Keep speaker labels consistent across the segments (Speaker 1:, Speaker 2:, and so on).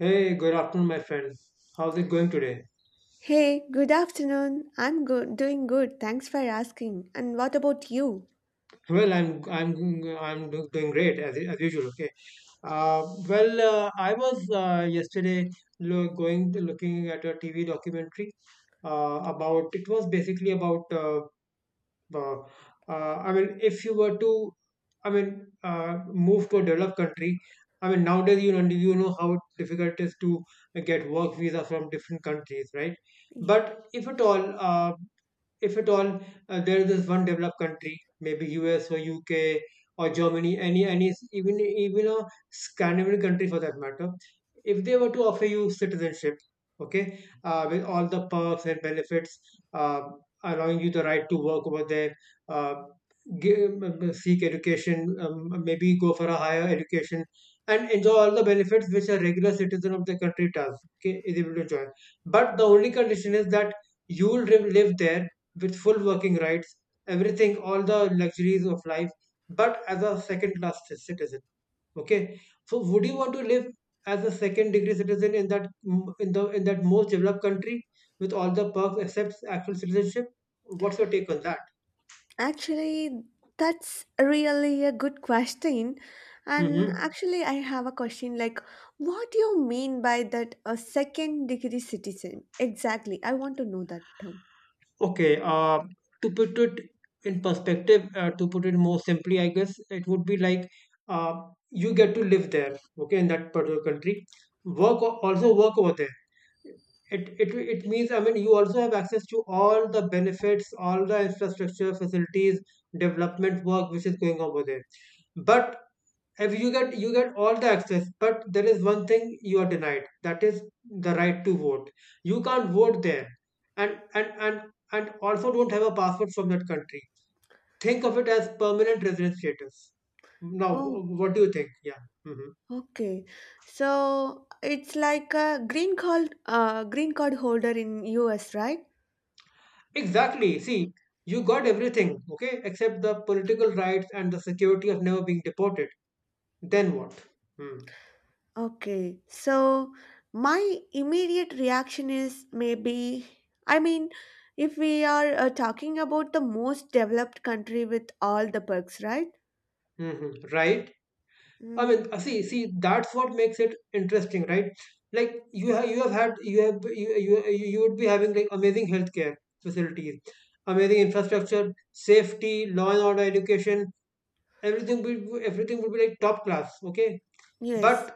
Speaker 1: Hey, good afternoon, my friend. How's it going today?
Speaker 2: Hey, good afternoon. I'm good, doing good. Thanks for asking. And what about you?
Speaker 1: Well, I'm doing great as usual. Okay. Uh, well, I was yesterday lo- going looking at a TV documentary about it was basically about uh, if you were to I mean uh, move to a developed country. I mean, nowadays, you know, how difficult it is to get work visa from different countries, right?
Speaker 2: Ye-
Speaker 1: But if at all there is this one developed country, maybe US or UK or Germany, any even a Scandinavian country for that matter, if they were to offer you citizenship, okay, with all the perks and benefits, uh, allowing you the right to work over there, uh, give, seek education, maybe go for a higher education, and enjoy all the benefits which a regular citizen of the country does, okay, is able to enjoy. But the only condition is that you will live there with full working rights, everything, all the luxuries of life, but as a second class citizen. Okay. So would you want to live as a second degree citizen in that in the in that most developed country with all the perks except actual citizenship? What's your take on that?
Speaker 2: Actually, that's really a good question. And
Speaker 1: Hmm.
Speaker 2: actually, I have a question like, what do you mean by that a second degree citizen? Exactly. I want to know that term.
Speaker 1: Okay. To put it in perspective, to put it more simply, I guess it would be like uh, you get to live there, okay, in that particular country. Also work over there. It means you also have access to all the benefits, all the infrastructure, facilities, development work which is going over there. But if you get you get all the access, but there is one thing you are denied, that is the right to vote. You can't vote there, and and also don't have a passport from that country. Think of it as permanent resident status. Now
Speaker 2: Oh,
Speaker 1: what do you think? Yeah. Hmm.
Speaker 2: okay. So it's like a green card holder in US, right?
Speaker 1: Exactly. See, you got everything, okay, except the political rights and the security of never being deported. Then what? Hmm.
Speaker 2: Okay, so my immediate reaction is maybe, I mean, if we are talking about the most developed country with all the perks, right?
Speaker 1: Hmm. Right? I mean,
Speaker 2: Mm,
Speaker 1: see, that's what makes it interesting, right? Like you have had, you have, you would be having like amazing healthcare facilities, amazing infrastructure, safety, law and order, education, everything would be like top class, okay?
Speaker 2: yes.
Speaker 1: But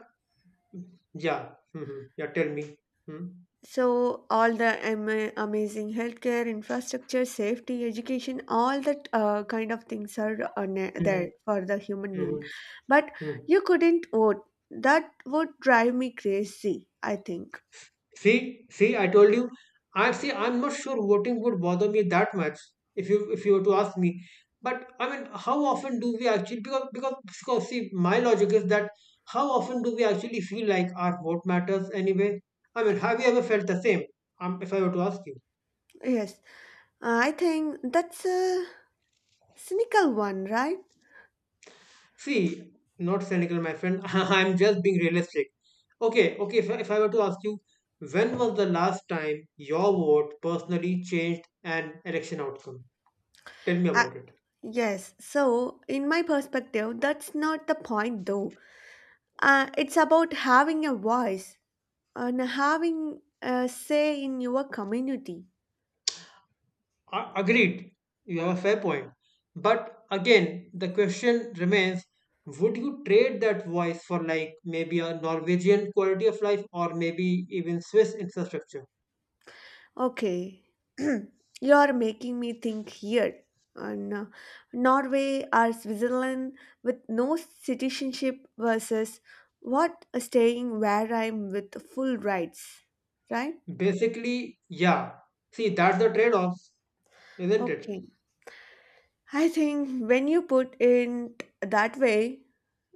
Speaker 1: yeah. Hmm, yeah, tell me. Hmm
Speaker 2: So, all the amazing healthcare, infrastructure, safety, education, all that kind of things are on
Speaker 1: hmm.
Speaker 2: there for the human being. But
Speaker 1: Hmm.
Speaker 2: you couldn't vote. That would drive me crazy, I think.
Speaker 1: See, I told you. I see. I'm not sure voting would bother me that much if you were to ask me. But I mean, how often do we actually? Because see, my logic is that how often do we actually feel like our vote matters anyway? I mean, have you ever felt the same? If I were to ask you,
Speaker 2: Yes. I think that's a cynical one, right?
Speaker 1: see, not cynical, my friend. I'm just being realistic. Okay, okay. If I were to ask you, when was the last time your vote personally changed an election outcome? Tell me
Speaker 2: Uh,
Speaker 1: about it.
Speaker 2: yes, so in my perspective, that's not the point though. It's about having a voice and having a say in your community.
Speaker 1: Agreed, you have a fair point. But again, the question remains, would you trade that voice for, like, maybe a Norwegian quality of life or maybe even Swiss infrastructure?
Speaker 2: Okay, you're making me think here. And Norway or Switzerland with no citizenship versus what staying where I'm with full rights, right?
Speaker 1: Basically, yeah. See, that's the trade off, isn't it?
Speaker 2: Okay. I think when you put it that way,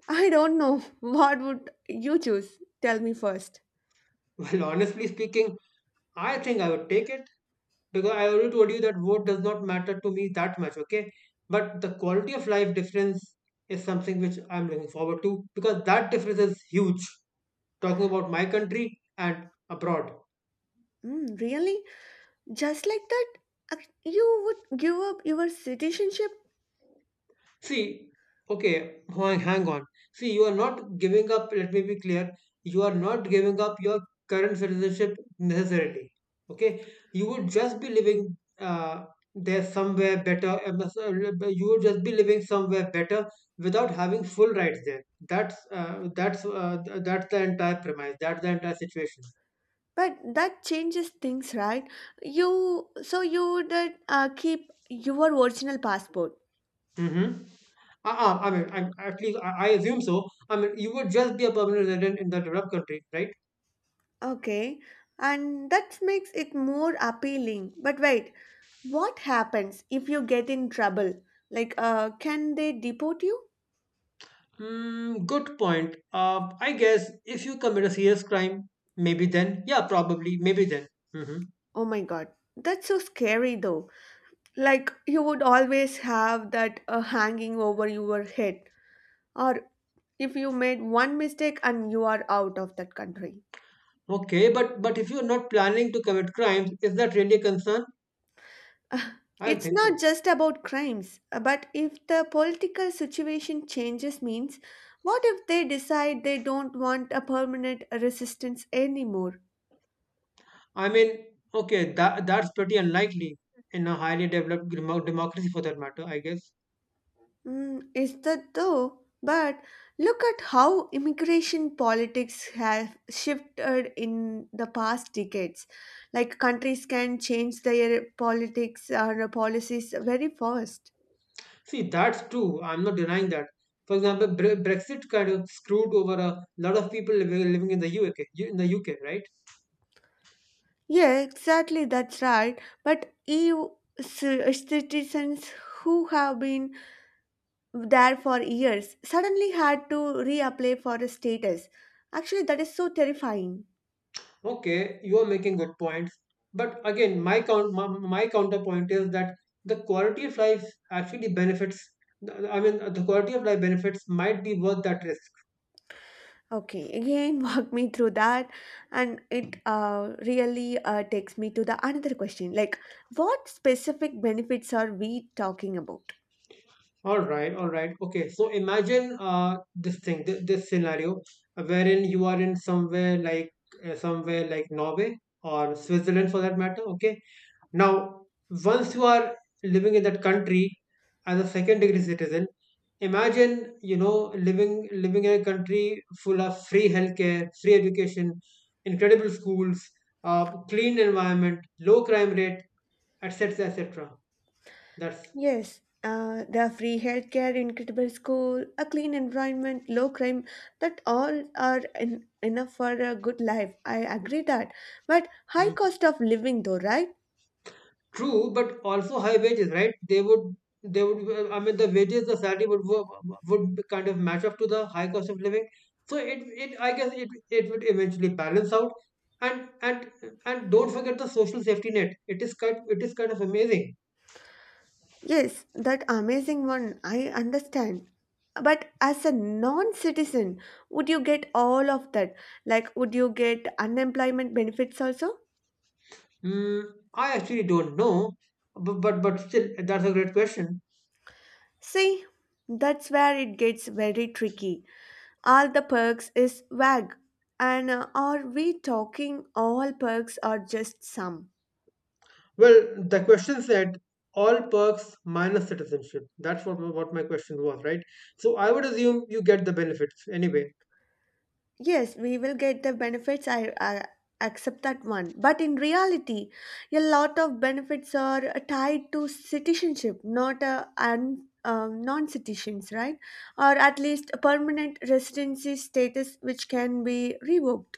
Speaker 2: I don't know what would you choose. Tell me first.
Speaker 1: Well, honestly speaking, I think I would take it, because I already told you that vote does not matter to me that much, okay? But the quality of life difference is something which I'm looking forward to, because that difference is huge. Talking about my country and abroad.
Speaker 2: Mm, really? Just like that, Uh, you would give up your citizenship?
Speaker 1: See, okay, hang on. See, you are not giving up, let me be clear, you are not giving up your current citizenship necessarily. Okay, you would just be living there somewhere better, s- you would just be living somewhere better without having full rights there. That's the entire premise, that's the entire situation.
Speaker 2: But that changes things, right? You you would keep your original passport.
Speaker 1: Mm-hmm. I mean, at least I assume so. I mean, you would just be a permanent resident in the developed country, right?
Speaker 2: Okay, and that makes it more appealing. But wait, what happens if you get in trouble? Like, can they deport you?
Speaker 1: Hmm. Good point. I guess if you commit a serious crime, maybe then, yeah, probably, maybe then. Hmm.
Speaker 2: Oh my god, that's so scary though. Like, you would always have that hanging over your head. Or if you made one mistake and you are out of that country.
Speaker 1: Okay, but if you're not planning to commit crimes, is that really a concern? I don't
Speaker 2: It's
Speaker 1: think
Speaker 2: not
Speaker 1: so.
Speaker 2: just about crimes, but if the political situation changes, means what if they decide they don't want a permanent resistance anymore?
Speaker 1: I mean, okay, that that's pretty unlikely in a highly developed democracy, for that matter. I guess.
Speaker 2: Mm, is that though? But look at how immigration politics have shifted in the past decades. Like countries can change their politics or policies very fast.
Speaker 1: See, that's true. I'm not denying that. For example, Brexit kind of screwed over a lot of people living in the UK, in the UK, right?
Speaker 2: Yeah, exactly, that's right. But EU citizens who have been there for years suddenly had to reapply for a status. Actually, that is so terrifying.
Speaker 1: Okay, you are making good points. But again, my counterpoint is that the quality of life actually benefits. I mean, the quality of life benefits might be worth that risk.
Speaker 2: Okay, again, walk me through that, and it really takes me to the another question. Like, what specific benefits are we talking about?
Speaker 1: All right, all right. Okay, so imagine this thing, this scenario, wherein you are in somewhere like Norway or Switzerland for that matter. Okay. Now, once you are living in that country as a second degree citizen, imagine, you know, living in a country full of free healthcare, free education, incredible schools, clean environment, low crime rate, etc., etc. That's
Speaker 2: Yes, the free healthcare, incredible school, a clean environment, low crime, that all are enough for a good life. I agree that, but high cost of living, though, right?
Speaker 1: true, but also high wages, right? They would. I mean, the wages, the salary would be kind of match up to the high cost of living. So I guess it would eventually balance out. And and and don't forget the social safety net. It is kind of amazing.
Speaker 2: Yes, that amazing one, I understand. But as a non citizen, would you get all of that? Like, would you get unemployment benefits also?
Speaker 1: Mm, I actually don't know, but still, that's a great question.
Speaker 2: See, that's where it gets very tricky. All the perks is vague. And are we talking all perks or just some?
Speaker 1: Well, the question said all perks minus citizenship. That's what my question was, right? So I would assume you get the benefits anyway.
Speaker 2: Yes, we will get the benefits. I accept that one. But in reality, a lot of benefits are tied to citizenship, not non citizens, right? Or at least a permanent residency status, which can be revoked.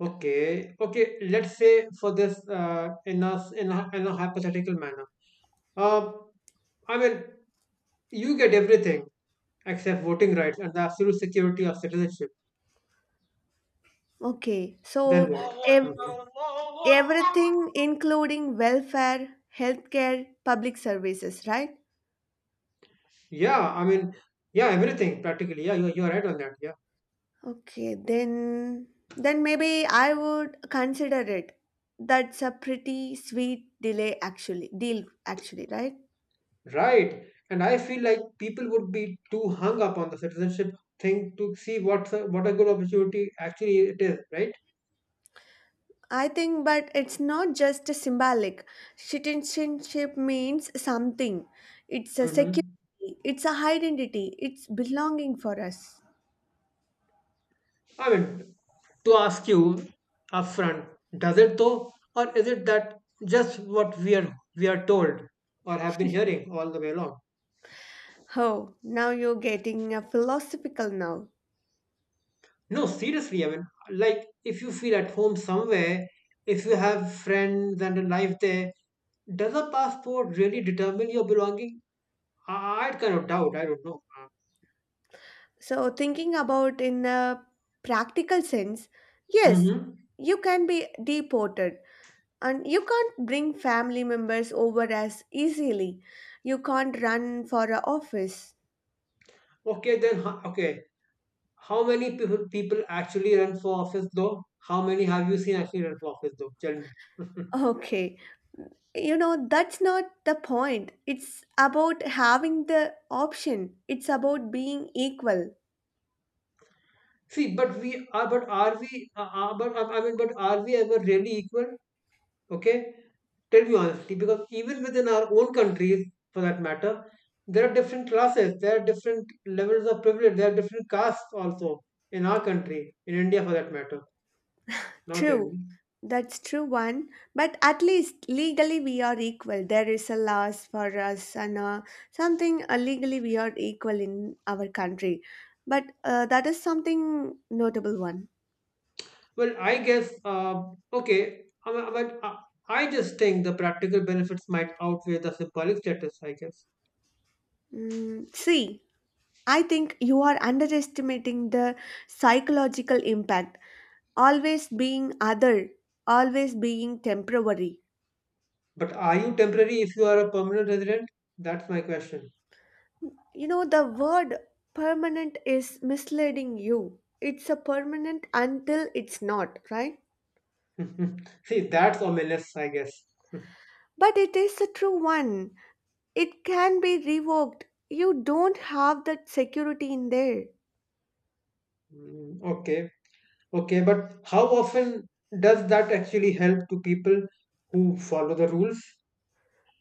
Speaker 1: Okay, okay. Let's say for this, in in a hypothetical manner, uh, I mean, you get everything except voting rights and the absolute security of citizenship.
Speaker 2: Okay,
Speaker 1: Then
Speaker 2: so
Speaker 1: what?
Speaker 2: ev-
Speaker 1: Mhm.
Speaker 2: everything, including welfare, healthcare, public services, right?
Speaker 1: Yeah, I mean, yeah, everything practically. Yeah, you're right on that. Yeah,
Speaker 2: Okay, then maybe I would consider it. That's a pretty sweet delay actually. Deal actually, right?
Speaker 1: right. And I feel like people would be too hung up on the citizenship thing to see what a good opportunity actually it is, right?
Speaker 2: I think but it's not just a symbolic. Citizenship means something. It's a
Speaker 1: Mm-hmm.
Speaker 2: security, it's a identity, it's belonging for us.
Speaker 1: I mean, to ask you upfront, does it though, or is it that just what we are told or have been hearing all the way along?
Speaker 2: Oh, now you're getting a philosophical now.
Speaker 1: No, seriously, I mean, like if you feel at home somewhere, if you have friends and a life there, does a passport really determine your belonging? I- I'd kind of doubt. I don't know.
Speaker 2: So thinking about in a practical sense, yes,
Speaker 1: Mm-hmm.
Speaker 2: you can be deported and you can't bring family members over as easily. You can't run for a office.
Speaker 1: Okay, then, okay. How many people actually run for office though? How many have you seen actually run for office though? Tell me.
Speaker 2: Okay, you know, that's not the point. It's about having the option, it's about being equal.
Speaker 1: See, but are we, but I mean, but are we ever really equal? Okay, tell me honestly, because even within our own countries, for that matter, there are different classes, there are different levels of privilege, there are different castes also in our country, in India, for that matter. Now tell
Speaker 2: True,
Speaker 1: me.
Speaker 2: that's true, one. But at least legally we are equal. There is a laws for us and something legally we are equal in our country. But that is something notable one.
Speaker 1: Well, I guess, okay, I mean, but I just think the practical benefits might outweigh the symbolic status, I guess.
Speaker 2: Mm, see, I think you are underestimating the psychological impact. Always being other, always being temporary.
Speaker 1: But are you temporary if you are a permanent resident? That's my question.
Speaker 2: You know, the word permanent is misleading you. It's a permanent until it's not, right?
Speaker 1: See, that's ominous, I guess.
Speaker 2: But it is a true one. It can be revoked. You don't have that security in there.
Speaker 1: Mm, okay, okay, but how often does that actually help to people who follow the rules?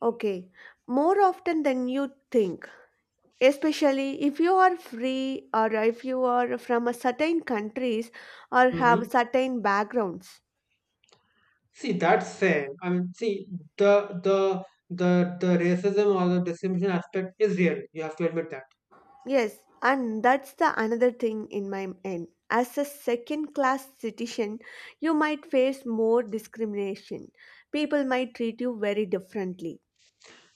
Speaker 2: Okay, more often than you think, especially if you are free or if you are from a certain countries or have
Speaker 1: Hmm.
Speaker 2: certain backgrounds.
Speaker 1: See, that's fair. I mean, see, the the the the racism or the discrimination aspect is real. You have to admit that.
Speaker 2: Yes, and that's the another thing in my end as a second class citizen, you might face more discrimination. People might treat you very differently.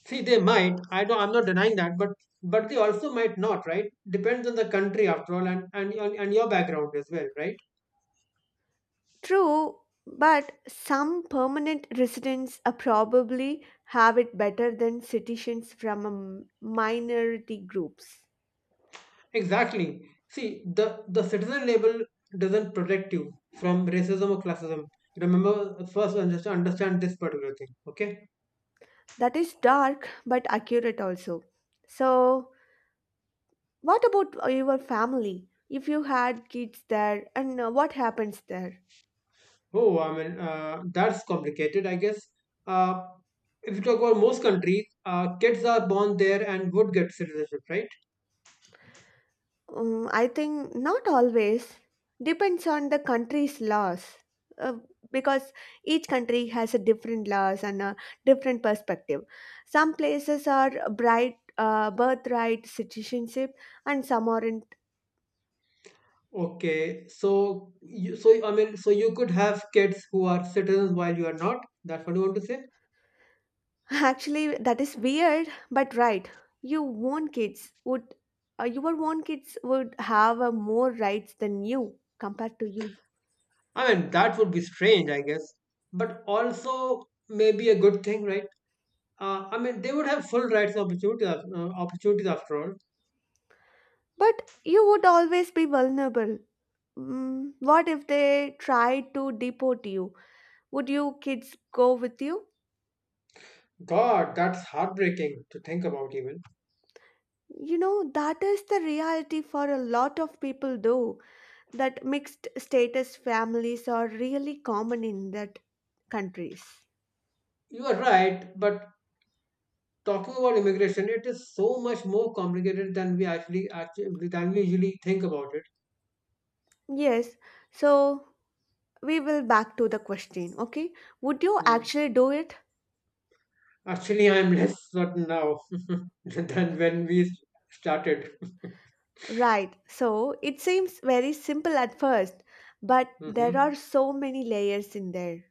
Speaker 1: See, they might. I don't. I'm not denying that, but they also might not, right? Depends on the country after all, and your background as well, right?
Speaker 2: True, but some permanent residents are probably have it better than citizens from a minority groups.
Speaker 1: Exactly. See, the citizen label doesn't protect you from racism or classism. Remember, first one, just to understand this particular thing. Okay.
Speaker 2: That is dark but accurate also. So, what about your family? If you had kids there, and what happens there?
Speaker 1: Oh, I mean, that's complicated, I guess. Uh, if you talk about most countries, kids are born there and would get citizenship, right?
Speaker 2: I think not always. Depends on the country's laws. Uh, because each country has a different laws and a different perspective. Some places are bright birthright citizenship, and some are in.
Speaker 1: Okay. So, you, so I mean, so you could have kids who are citizens while you are not. That's what you want to say.
Speaker 2: Actually, that is weird, but right. Your own kids would, your own kids would have more rights than you compared to you.
Speaker 1: I mean, that would be strange, I guess, but also maybe a good thing, right? I mean, they would have full rights and opportunities, opportunities after all.
Speaker 2: But you would always be vulnerable. Mm, what if they try to deport you? Would you kids go with you?
Speaker 1: God, that's heartbreaking to think about, even.
Speaker 2: You know, that is the reality for a lot of people, though, that mixed status families are really common in that countries.
Speaker 1: You are right, but talking about immigration, it is so much more complicated than actually than we usually think about it.
Speaker 2: Yes, so we will back to the question. Okay, would you
Speaker 1: Yeah.
Speaker 2: actually do it?
Speaker 1: Actually, I'm less certain now than when we started.
Speaker 2: Right, so it seems very simple at first, but there
Speaker 1: Mhm.
Speaker 2: are so many layers in there.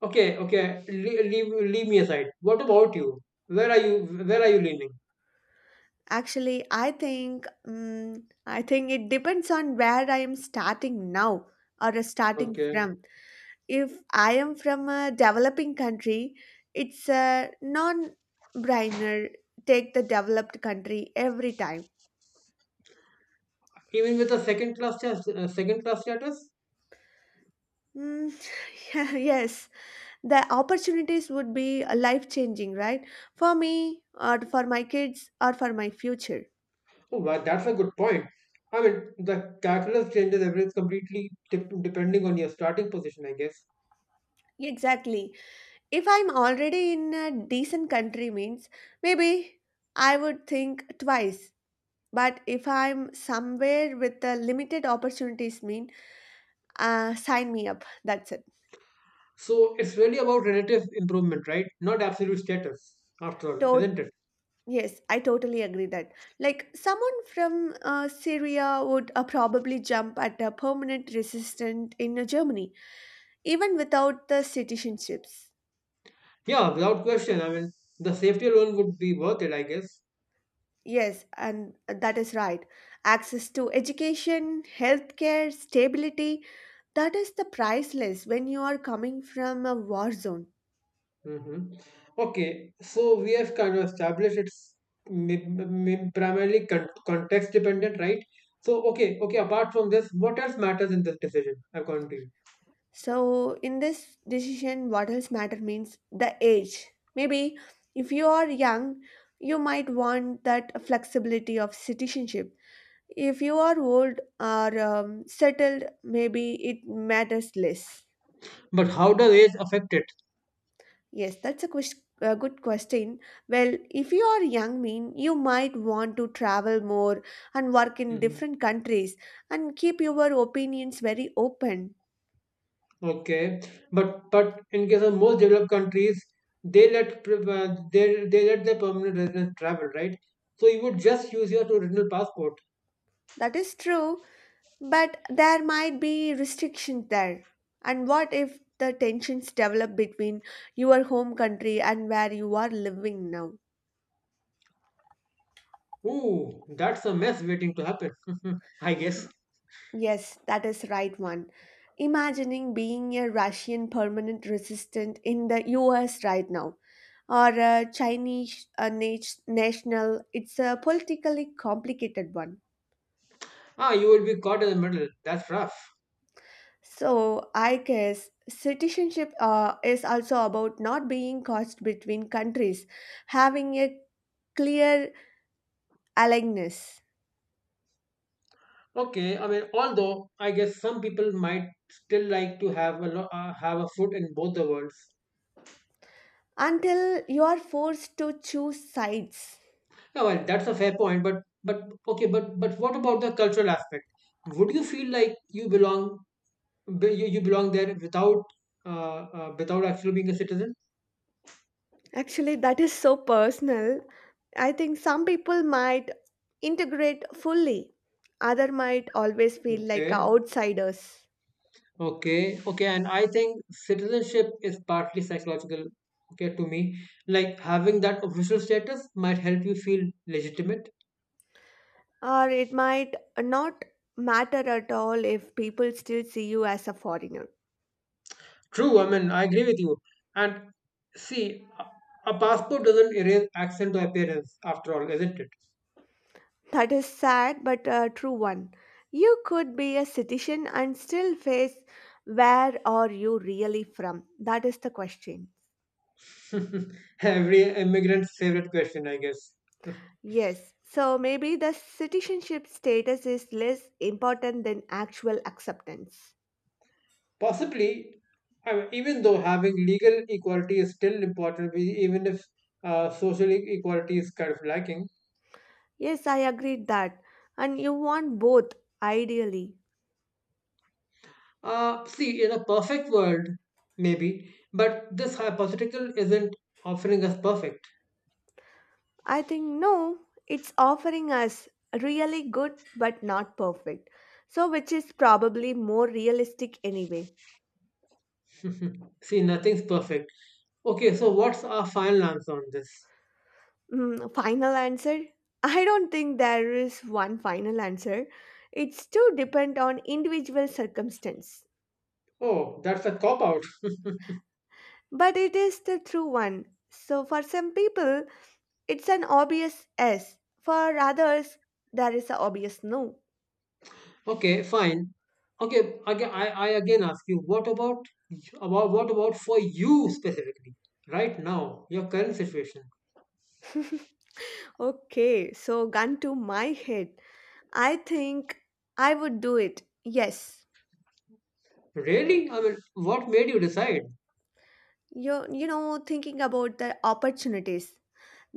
Speaker 1: Okay, okay. Leave me aside. What about you? Where are you leaning?
Speaker 2: Actually, I think it depends on where I am starting now or starting
Speaker 1: Okay.
Speaker 2: from. If I am from a developing country, it's a non brainer. Take the developed country every time.
Speaker 1: Even with a second class, second class status?
Speaker 2: Mm, yes, the opportunities would be life changing, right? For me or for my kids or for my future.
Speaker 1: Oh, wow, that's a good point. I mean, the catalyst changes everything completely depending on your starting position, I guess.
Speaker 2: Exactly, if I'm already in a decent country means maybe I would think twice, but if I'm somewhere with a limited opportunities mean sign me up, that's it.
Speaker 1: So it's really about relative improvement, right? Not absolute status, after all,
Speaker 2: to-
Speaker 1: isn't it?
Speaker 2: yes, I totally agree that. Like someone from Syria would probably jump at a permanent resistant in Germany even without the citizenships.
Speaker 1: Yeah, without question. I mean, the safety alone would be worth it, I guess.
Speaker 2: Yes, and that is right. Access to education, healthcare, stability, that is the priceless when you are coming from a war zone.
Speaker 1: hmm Okay, so we have kind of established it's mi- primarily context dependent, right? So, okay, okay, apart from this, what else matters in this decision, according to you?
Speaker 2: So, in this decision, what else matter means the age. Maybe if you are young, you might want that flexibility of citizenship. If you are old or settled, maybe it matters less.
Speaker 1: But how does age affect it?
Speaker 2: Yes, that's a a good question. Well, if you are young, mean you might want to travel more and work in
Speaker 1: Mm-hmm.
Speaker 2: different countries and keep your opinions very open.
Speaker 1: Okay, but in case of most developed countries, they let their permanent residents travel, right? So you would just use your original passport.
Speaker 2: That is true, but there might be restrictions there. And what if the tensions develop between your home country and where you are living now?
Speaker 1: Ooh, that's a mess waiting to happen. I guess.
Speaker 2: Yes, that is right one. Imagining being a Russian permanent resident in the US right now, or a Chinese national. It's a politically complicated one.
Speaker 1: Ah, you will be caught in the middle. That's rough.
Speaker 2: So I guess citizenship is also about not being caught between countries, having a clear aligness
Speaker 1: Okay, I mean, although I guess some people might still like to have a foot in both the worlds.
Speaker 2: until you are forced to choose sides.
Speaker 1: Yeah, well, that's a fair point. But okay, but what about the cultural aspect? Would you feel like you belong there without without actually being a citizen.
Speaker 2: Actually, that is so personal. I think some people might integrate fully, other might always feel like
Speaker 1: Okay,
Speaker 2: outsiders,
Speaker 1: okay, okay. And I think citizenship is partly psychological. Okay, to me, like having that official status might help you feel legitimate.
Speaker 2: or it might not matter at all if people still see you as a foreigner.
Speaker 1: True, I mean, I agree with you. And see, a passport doesn't erase accent or appearance after all, isn't
Speaker 2: That is sad but a true one. You could be a citizen and still face where are you really from? That is the question.
Speaker 1: it? Every immigrant's favorite question, I guess.
Speaker 2: Yes, so maybe the citizenship status is less important than actual acceptance.
Speaker 1: Possibly, I mean, even though having legal equality is still important, we, even if social equality is kind of lacking.
Speaker 2: Yes, I agreed that. And you want both, ideally.
Speaker 1: See, in a perfect world, maybe, but this hypothetical isn't offering us perfect.
Speaker 2: I think no, it's offering us really good but not perfect. So, which is probably more realistic anyway.
Speaker 1: See, nothing's perfect. Okay, so what's our final answer on this?
Speaker 2: Mm, final answer? I don't think there is one final answer. It's too depend on individual circumstance.
Speaker 1: Oh, that's a cop out.
Speaker 2: But it is the true one. So, for some people, it's an obvious yes. For others, there is an obvious no.
Speaker 1: Okay, fine. Okay, again, I again ask you, what about what about for you specifically right now, your current situation?
Speaker 2: Okay, so gun to my head. I think I would do it. Yes.
Speaker 1: Really? I mean, what made you decide?
Speaker 2: You know, thinking about the opportunities,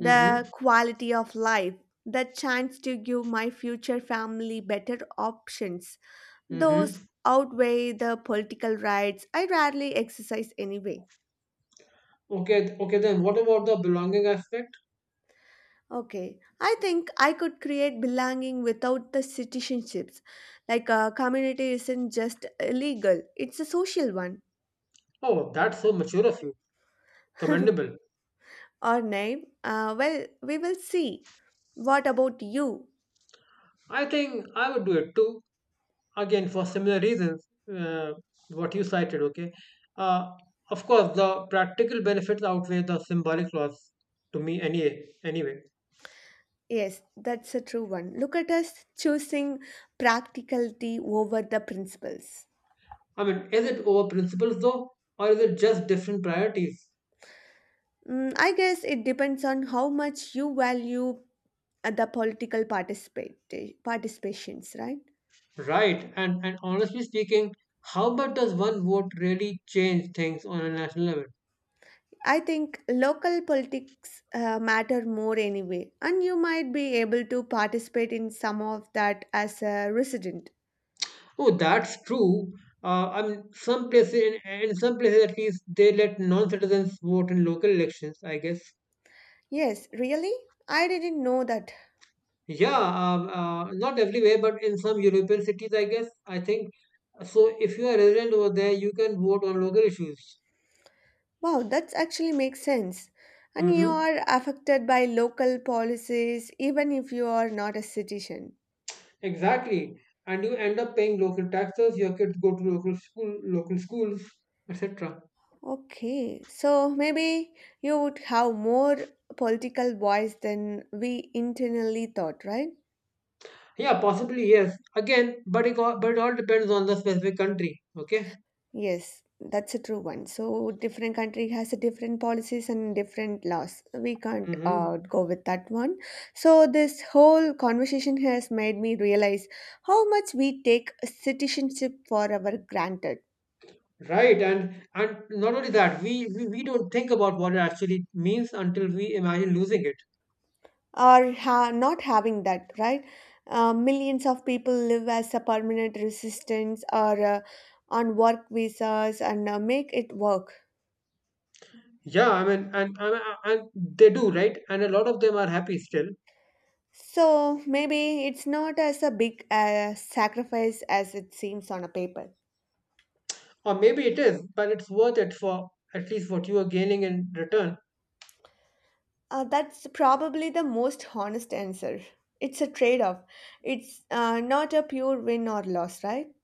Speaker 1: Mm-hmm.
Speaker 2: quality of life, the chance to give my future family better options. Those
Speaker 1: Mm-hmm.
Speaker 2: outweigh the political rights I rarely exercise anyway.
Speaker 1: Okay, okay then what about the belonging aspect?
Speaker 2: Okay, I think I could create belonging without the citizenships. Like a community isn't just illegal, it's a social one.
Speaker 1: Oh, that's so mature of you. Commendable.
Speaker 2: Or name? Well, we will see. What about you?
Speaker 1: I think I would do it too. Again, for similar reasons, uh, what you cited, okay? Uh, of course, the practical benefits outweigh the symbolic loss to me anyway. Anyway,
Speaker 2: Yes, that's a true one. Look at us choosing practicality over the principles.
Speaker 1: I mean, is it over principles though, or is it just different priorities?
Speaker 2: Mm, I guess it depends on how much you value the political participate participations, right?
Speaker 1: Right. And honestly speaking, how much does one vote really change things on a national level?
Speaker 2: I think local politics matter more anyway, and you might be able to participate in some of that as a resident.
Speaker 1: Oh, that's true. I mean, in some places at least, they let non-citizens vote in local elections. I guess.
Speaker 2: Yes, really? I didn't know that.
Speaker 1: Yeah. Not everywhere, but in some European cities, I guess. I think so. If you are a resident over there, you can vote on local issues.
Speaker 2: Wow, that actually makes sense. And you
Speaker 1: Mm-hmm.
Speaker 2: are affected by local policies even if you are not a citizen.
Speaker 1: Exactly. And you end up paying local taxes. Your kids go to local schools, etc.
Speaker 2: Okay, so maybe you would have more political voice than we internally thought, right?
Speaker 1: Yeah, possibly, yes. Again, but it all depends on the specific country. Okay.
Speaker 2: Yes, that's a true one. So different country has a different policies and different laws. We can't
Speaker 1: hmm
Speaker 2: go with that one. So this whole conversation has made me realize how much we take citizenship for our granted.
Speaker 1: Right, and not only that, we don't think about what it actually means until we imagine losing it.
Speaker 2: Not having that, right? Millions of people live as a permanent resistance or on work visas and make it work.
Speaker 1: Yeah, I mean, and they do, right? And a lot of them are happy still,
Speaker 2: So maybe it's not as a big sacrifice as it seems on a paper.
Speaker 1: or maybe it is, but it's worth it for at least what you are gaining in return.
Speaker 2: That's probably the most honest answer. It's a trade off. It's not a pure win or loss, right?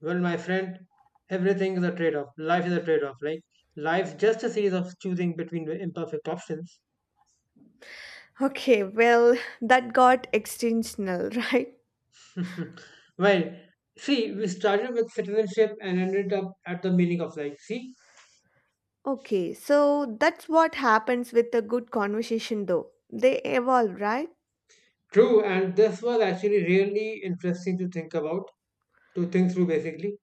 Speaker 1: Well, my friend, everything is a trade-off. Life is a trade-off. Like life's just a series of choosing between imperfect options.
Speaker 2: Okay, well, that got extensional, right?
Speaker 1: Well, see, we started with citizenship and ended up at the meaning of life. See,
Speaker 2: Okay, so that's what happens with a good conversation, though. They evolve, right?
Speaker 1: true, and this was actually really interesting to think about, to think through, basically.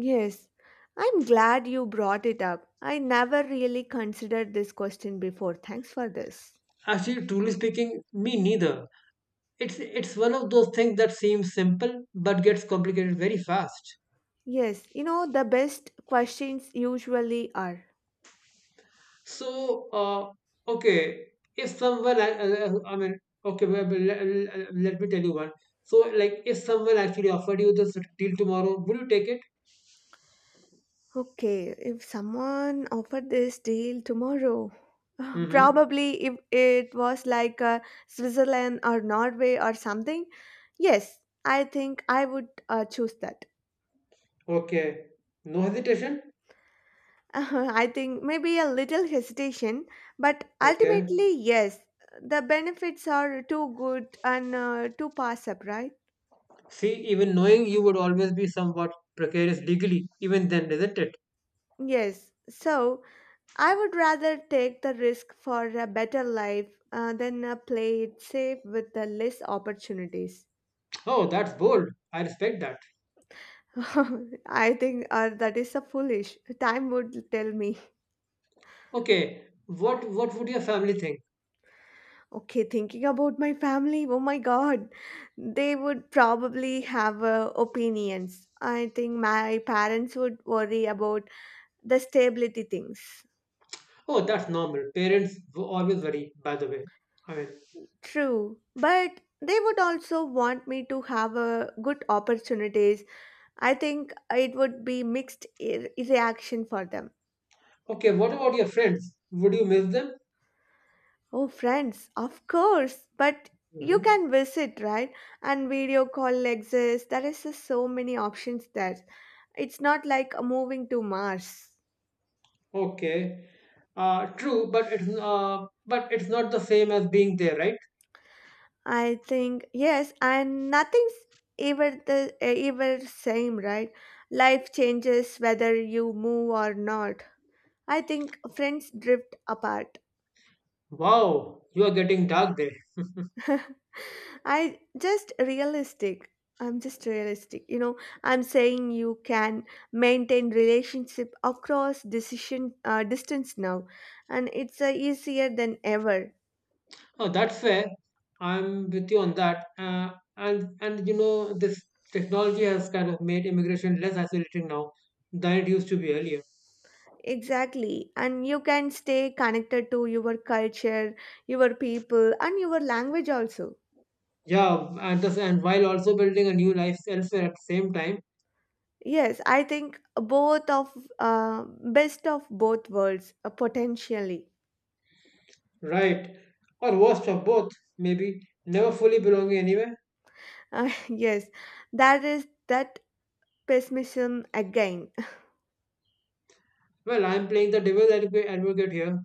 Speaker 2: Yes. I'm glad you brought it up. I never really considered this question before. Thanks for this.
Speaker 1: Actually, truly speaking, me neither. It's one of those things that seems simple but gets complicated very fast.
Speaker 2: Yes, you know, the best questions usually are.
Speaker 1: So, uh, okay, if someone, I mean, okay, well, well, let me tell you one. So, like, if someone actually offered you this deal tomorrow, would you take it?
Speaker 2: Okay, if someone offered this deal tomorrow,
Speaker 1: Mm-hmm.
Speaker 2: probably if it was like Switzerland or Norway or something, yes, I think I would choose that.
Speaker 1: Okay. No hesitation?
Speaker 2: I think maybe a little hesitation, but
Speaker 1: Okay.
Speaker 2: ultimately, yes, the benefits are too good and too pass up, right?
Speaker 1: See, even knowing you would always be somewhat precarious legally, even then, isn't it?
Speaker 2: Yes. So I would rather take the risk for a better life than play it safe with the less opportunities.
Speaker 1: Oh, that's bold. I respect that.
Speaker 2: I think that is a foolish. Time would tell me.
Speaker 1: Okay. What would your family think?
Speaker 2: Okay, thinking about my family, oh my God, they would probably have opinions. I think my parents would worry about the stability things.
Speaker 1: Oh, that's normal. Parents always worry, by the way. I mean,
Speaker 2: True, but they would also want me to have a good opportunities. I think it would be reaction for them.
Speaker 1: okay, what about your friends? Would you miss them?
Speaker 2: Oh, friends, of course, but you
Speaker 1: hmm
Speaker 2: can visit, right? And video call exists. There is so many options there. It's not like moving to Mars.
Speaker 1: Okay. True, but it's not the same as being there, right?
Speaker 2: I think yes, and nothing's ever same, right? Life changes whether you move or not. I think friends drift apart.
Speaker 1: Wow, you are getting dark there.
Speaker 2: I just realistic. I'm just realistic. You know, I'm saying you can maintain relationship across decision distance now, and it's easier than ever.
Speaker 1: Oh, that's fair. I'm with you on that. And you know this technology has kind of made immigration less isolating now than it used to be earlier.
Speaker 2: Exactly. And you can stay connected to your culture, your people, and your language also.
Speaker 1: Yeah, and this, and while also building a new life elsewhere at the same time,
Speaker 2: Yes, I think both of uh, best of both worlds potentially.
Speaker 1: right? Or worst of both, maybe never fully belonging anywhere.
Speaker 2: Yes, that is that pessimism again.
Speaker 1: Well, I'm playing the advocate here.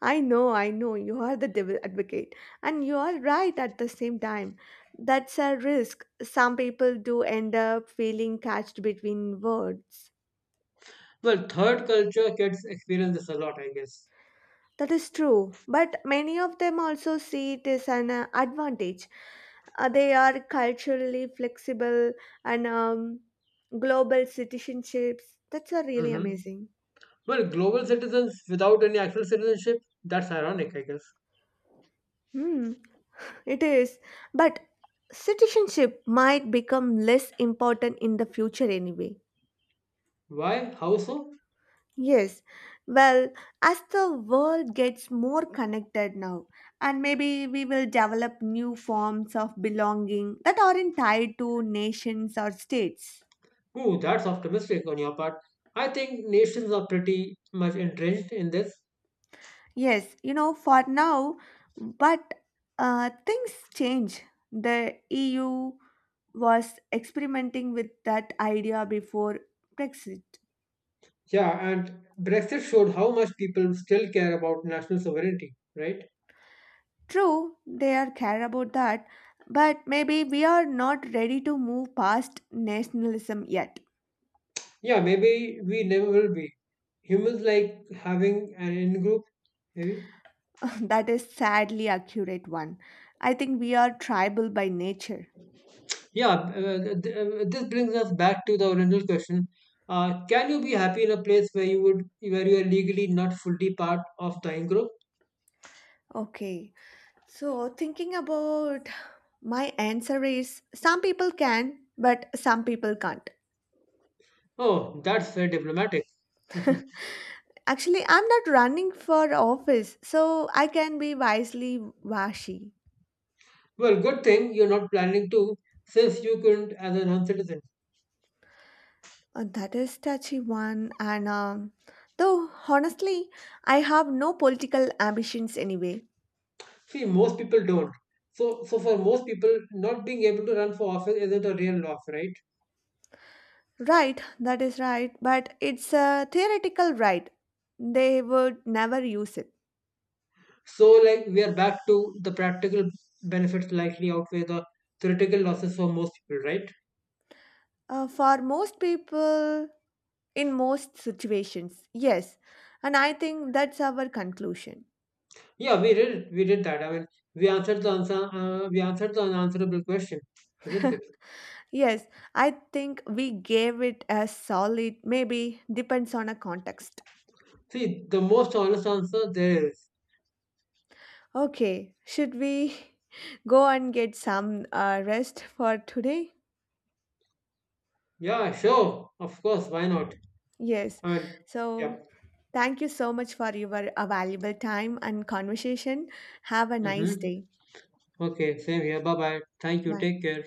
Speaker 2: I know, you are the devil advocate, and you are right at the same time. That's a risk. Some people do end up feeling catched between worlds.
Speaker 1: Well, third culture kids experience this a lot, I guess.
Speaker 2: That is true, but many of them also see it as an advantage. They are culturally flexible and global citizenships. That's really
Speaker 1: Mm-hmm.
Speaker 2: amazing.
Speaker 1: Well, global citizens without any actual citizenship, that's ironic, I guess.
Speaker 2: Hmm, it is. But citizenship might become less important in the future anyway.
Speaker 1: Why? How so?
Speaker 2: Yes, well, as the world gets more connected now, and maybe we will develop new forms of belonging that aren't tied to nations or states.
Speaker 1: Ooh, that's optimistic on your part. I think nations are pretty much entrenched in this.
Speaker 2: Yes, you know, for now, but things change. The EU was experimenting with that idea before Brexit.
Speaker 1: Yeah, and Brexit showed how much people still care about national sovereignty, right?
Speaker 2: True, they are care about that, but maybe we are not ready to move past nationalism yet.
Speaker 1: Yeah, maybe we never will be. Humans like having an in group, maybe.
Speaker 2: That is sadly accurate one. I think we are tribal by nature.
Speaker 1: Yeah, this brings us back to the original question. Can you be happy in a place where where you are legally not fully part of the in group?
Speaker 2: Okay. So thinking about, my answer is some people can, but some people can't.
Speaker 1: Oh, that's very diplomatic.
Speaker 2: Actually, I'm not running for office, so I can be wisely washy.
Speaker 1: Well, good thing you're not planning to since you couldn't as a non-citizen.
Speaker 2: That is touchy one, and though honestly, I have no political ambitions anyway.
Speaker 1: See, most people don't. So, so for most people, not being able to run for office isn't a real loss, right?
Speaker 2: Right, that is right, but it's a theoretical right. They would never use it.
Speaker 1: So, like, we are back to the practical benefits likely outweigh the theoretical losses for most people, right?
Speaker 2: For most people, in most situations, yes. And I think that's our conclusion.
Speaker 1: Yeah, we did it. We did that. I mean, we answered the answer. We answered the unanswerable question, isn't it?
Speaker 2: Yes, I think we gave it a solid, maybe depends on a context.
Speaker 1: See, the most honest answer there is,
Speaker 2: Okay, should we go and get some rest for today?
Speaker 1: yeah, sure, of course, why not?
Speaker 2: Yes.
Speaker 1: I mean, yeah.
Speaker 2: So thank you so much for your valuable time and conversation. Have a nice
Speaker 1: hmm
Speaker 2: day.
Speaker 1: Okay, same here. Bye bye. Thank you.
Speaker 2: Bye.
Speaker 1: Take care.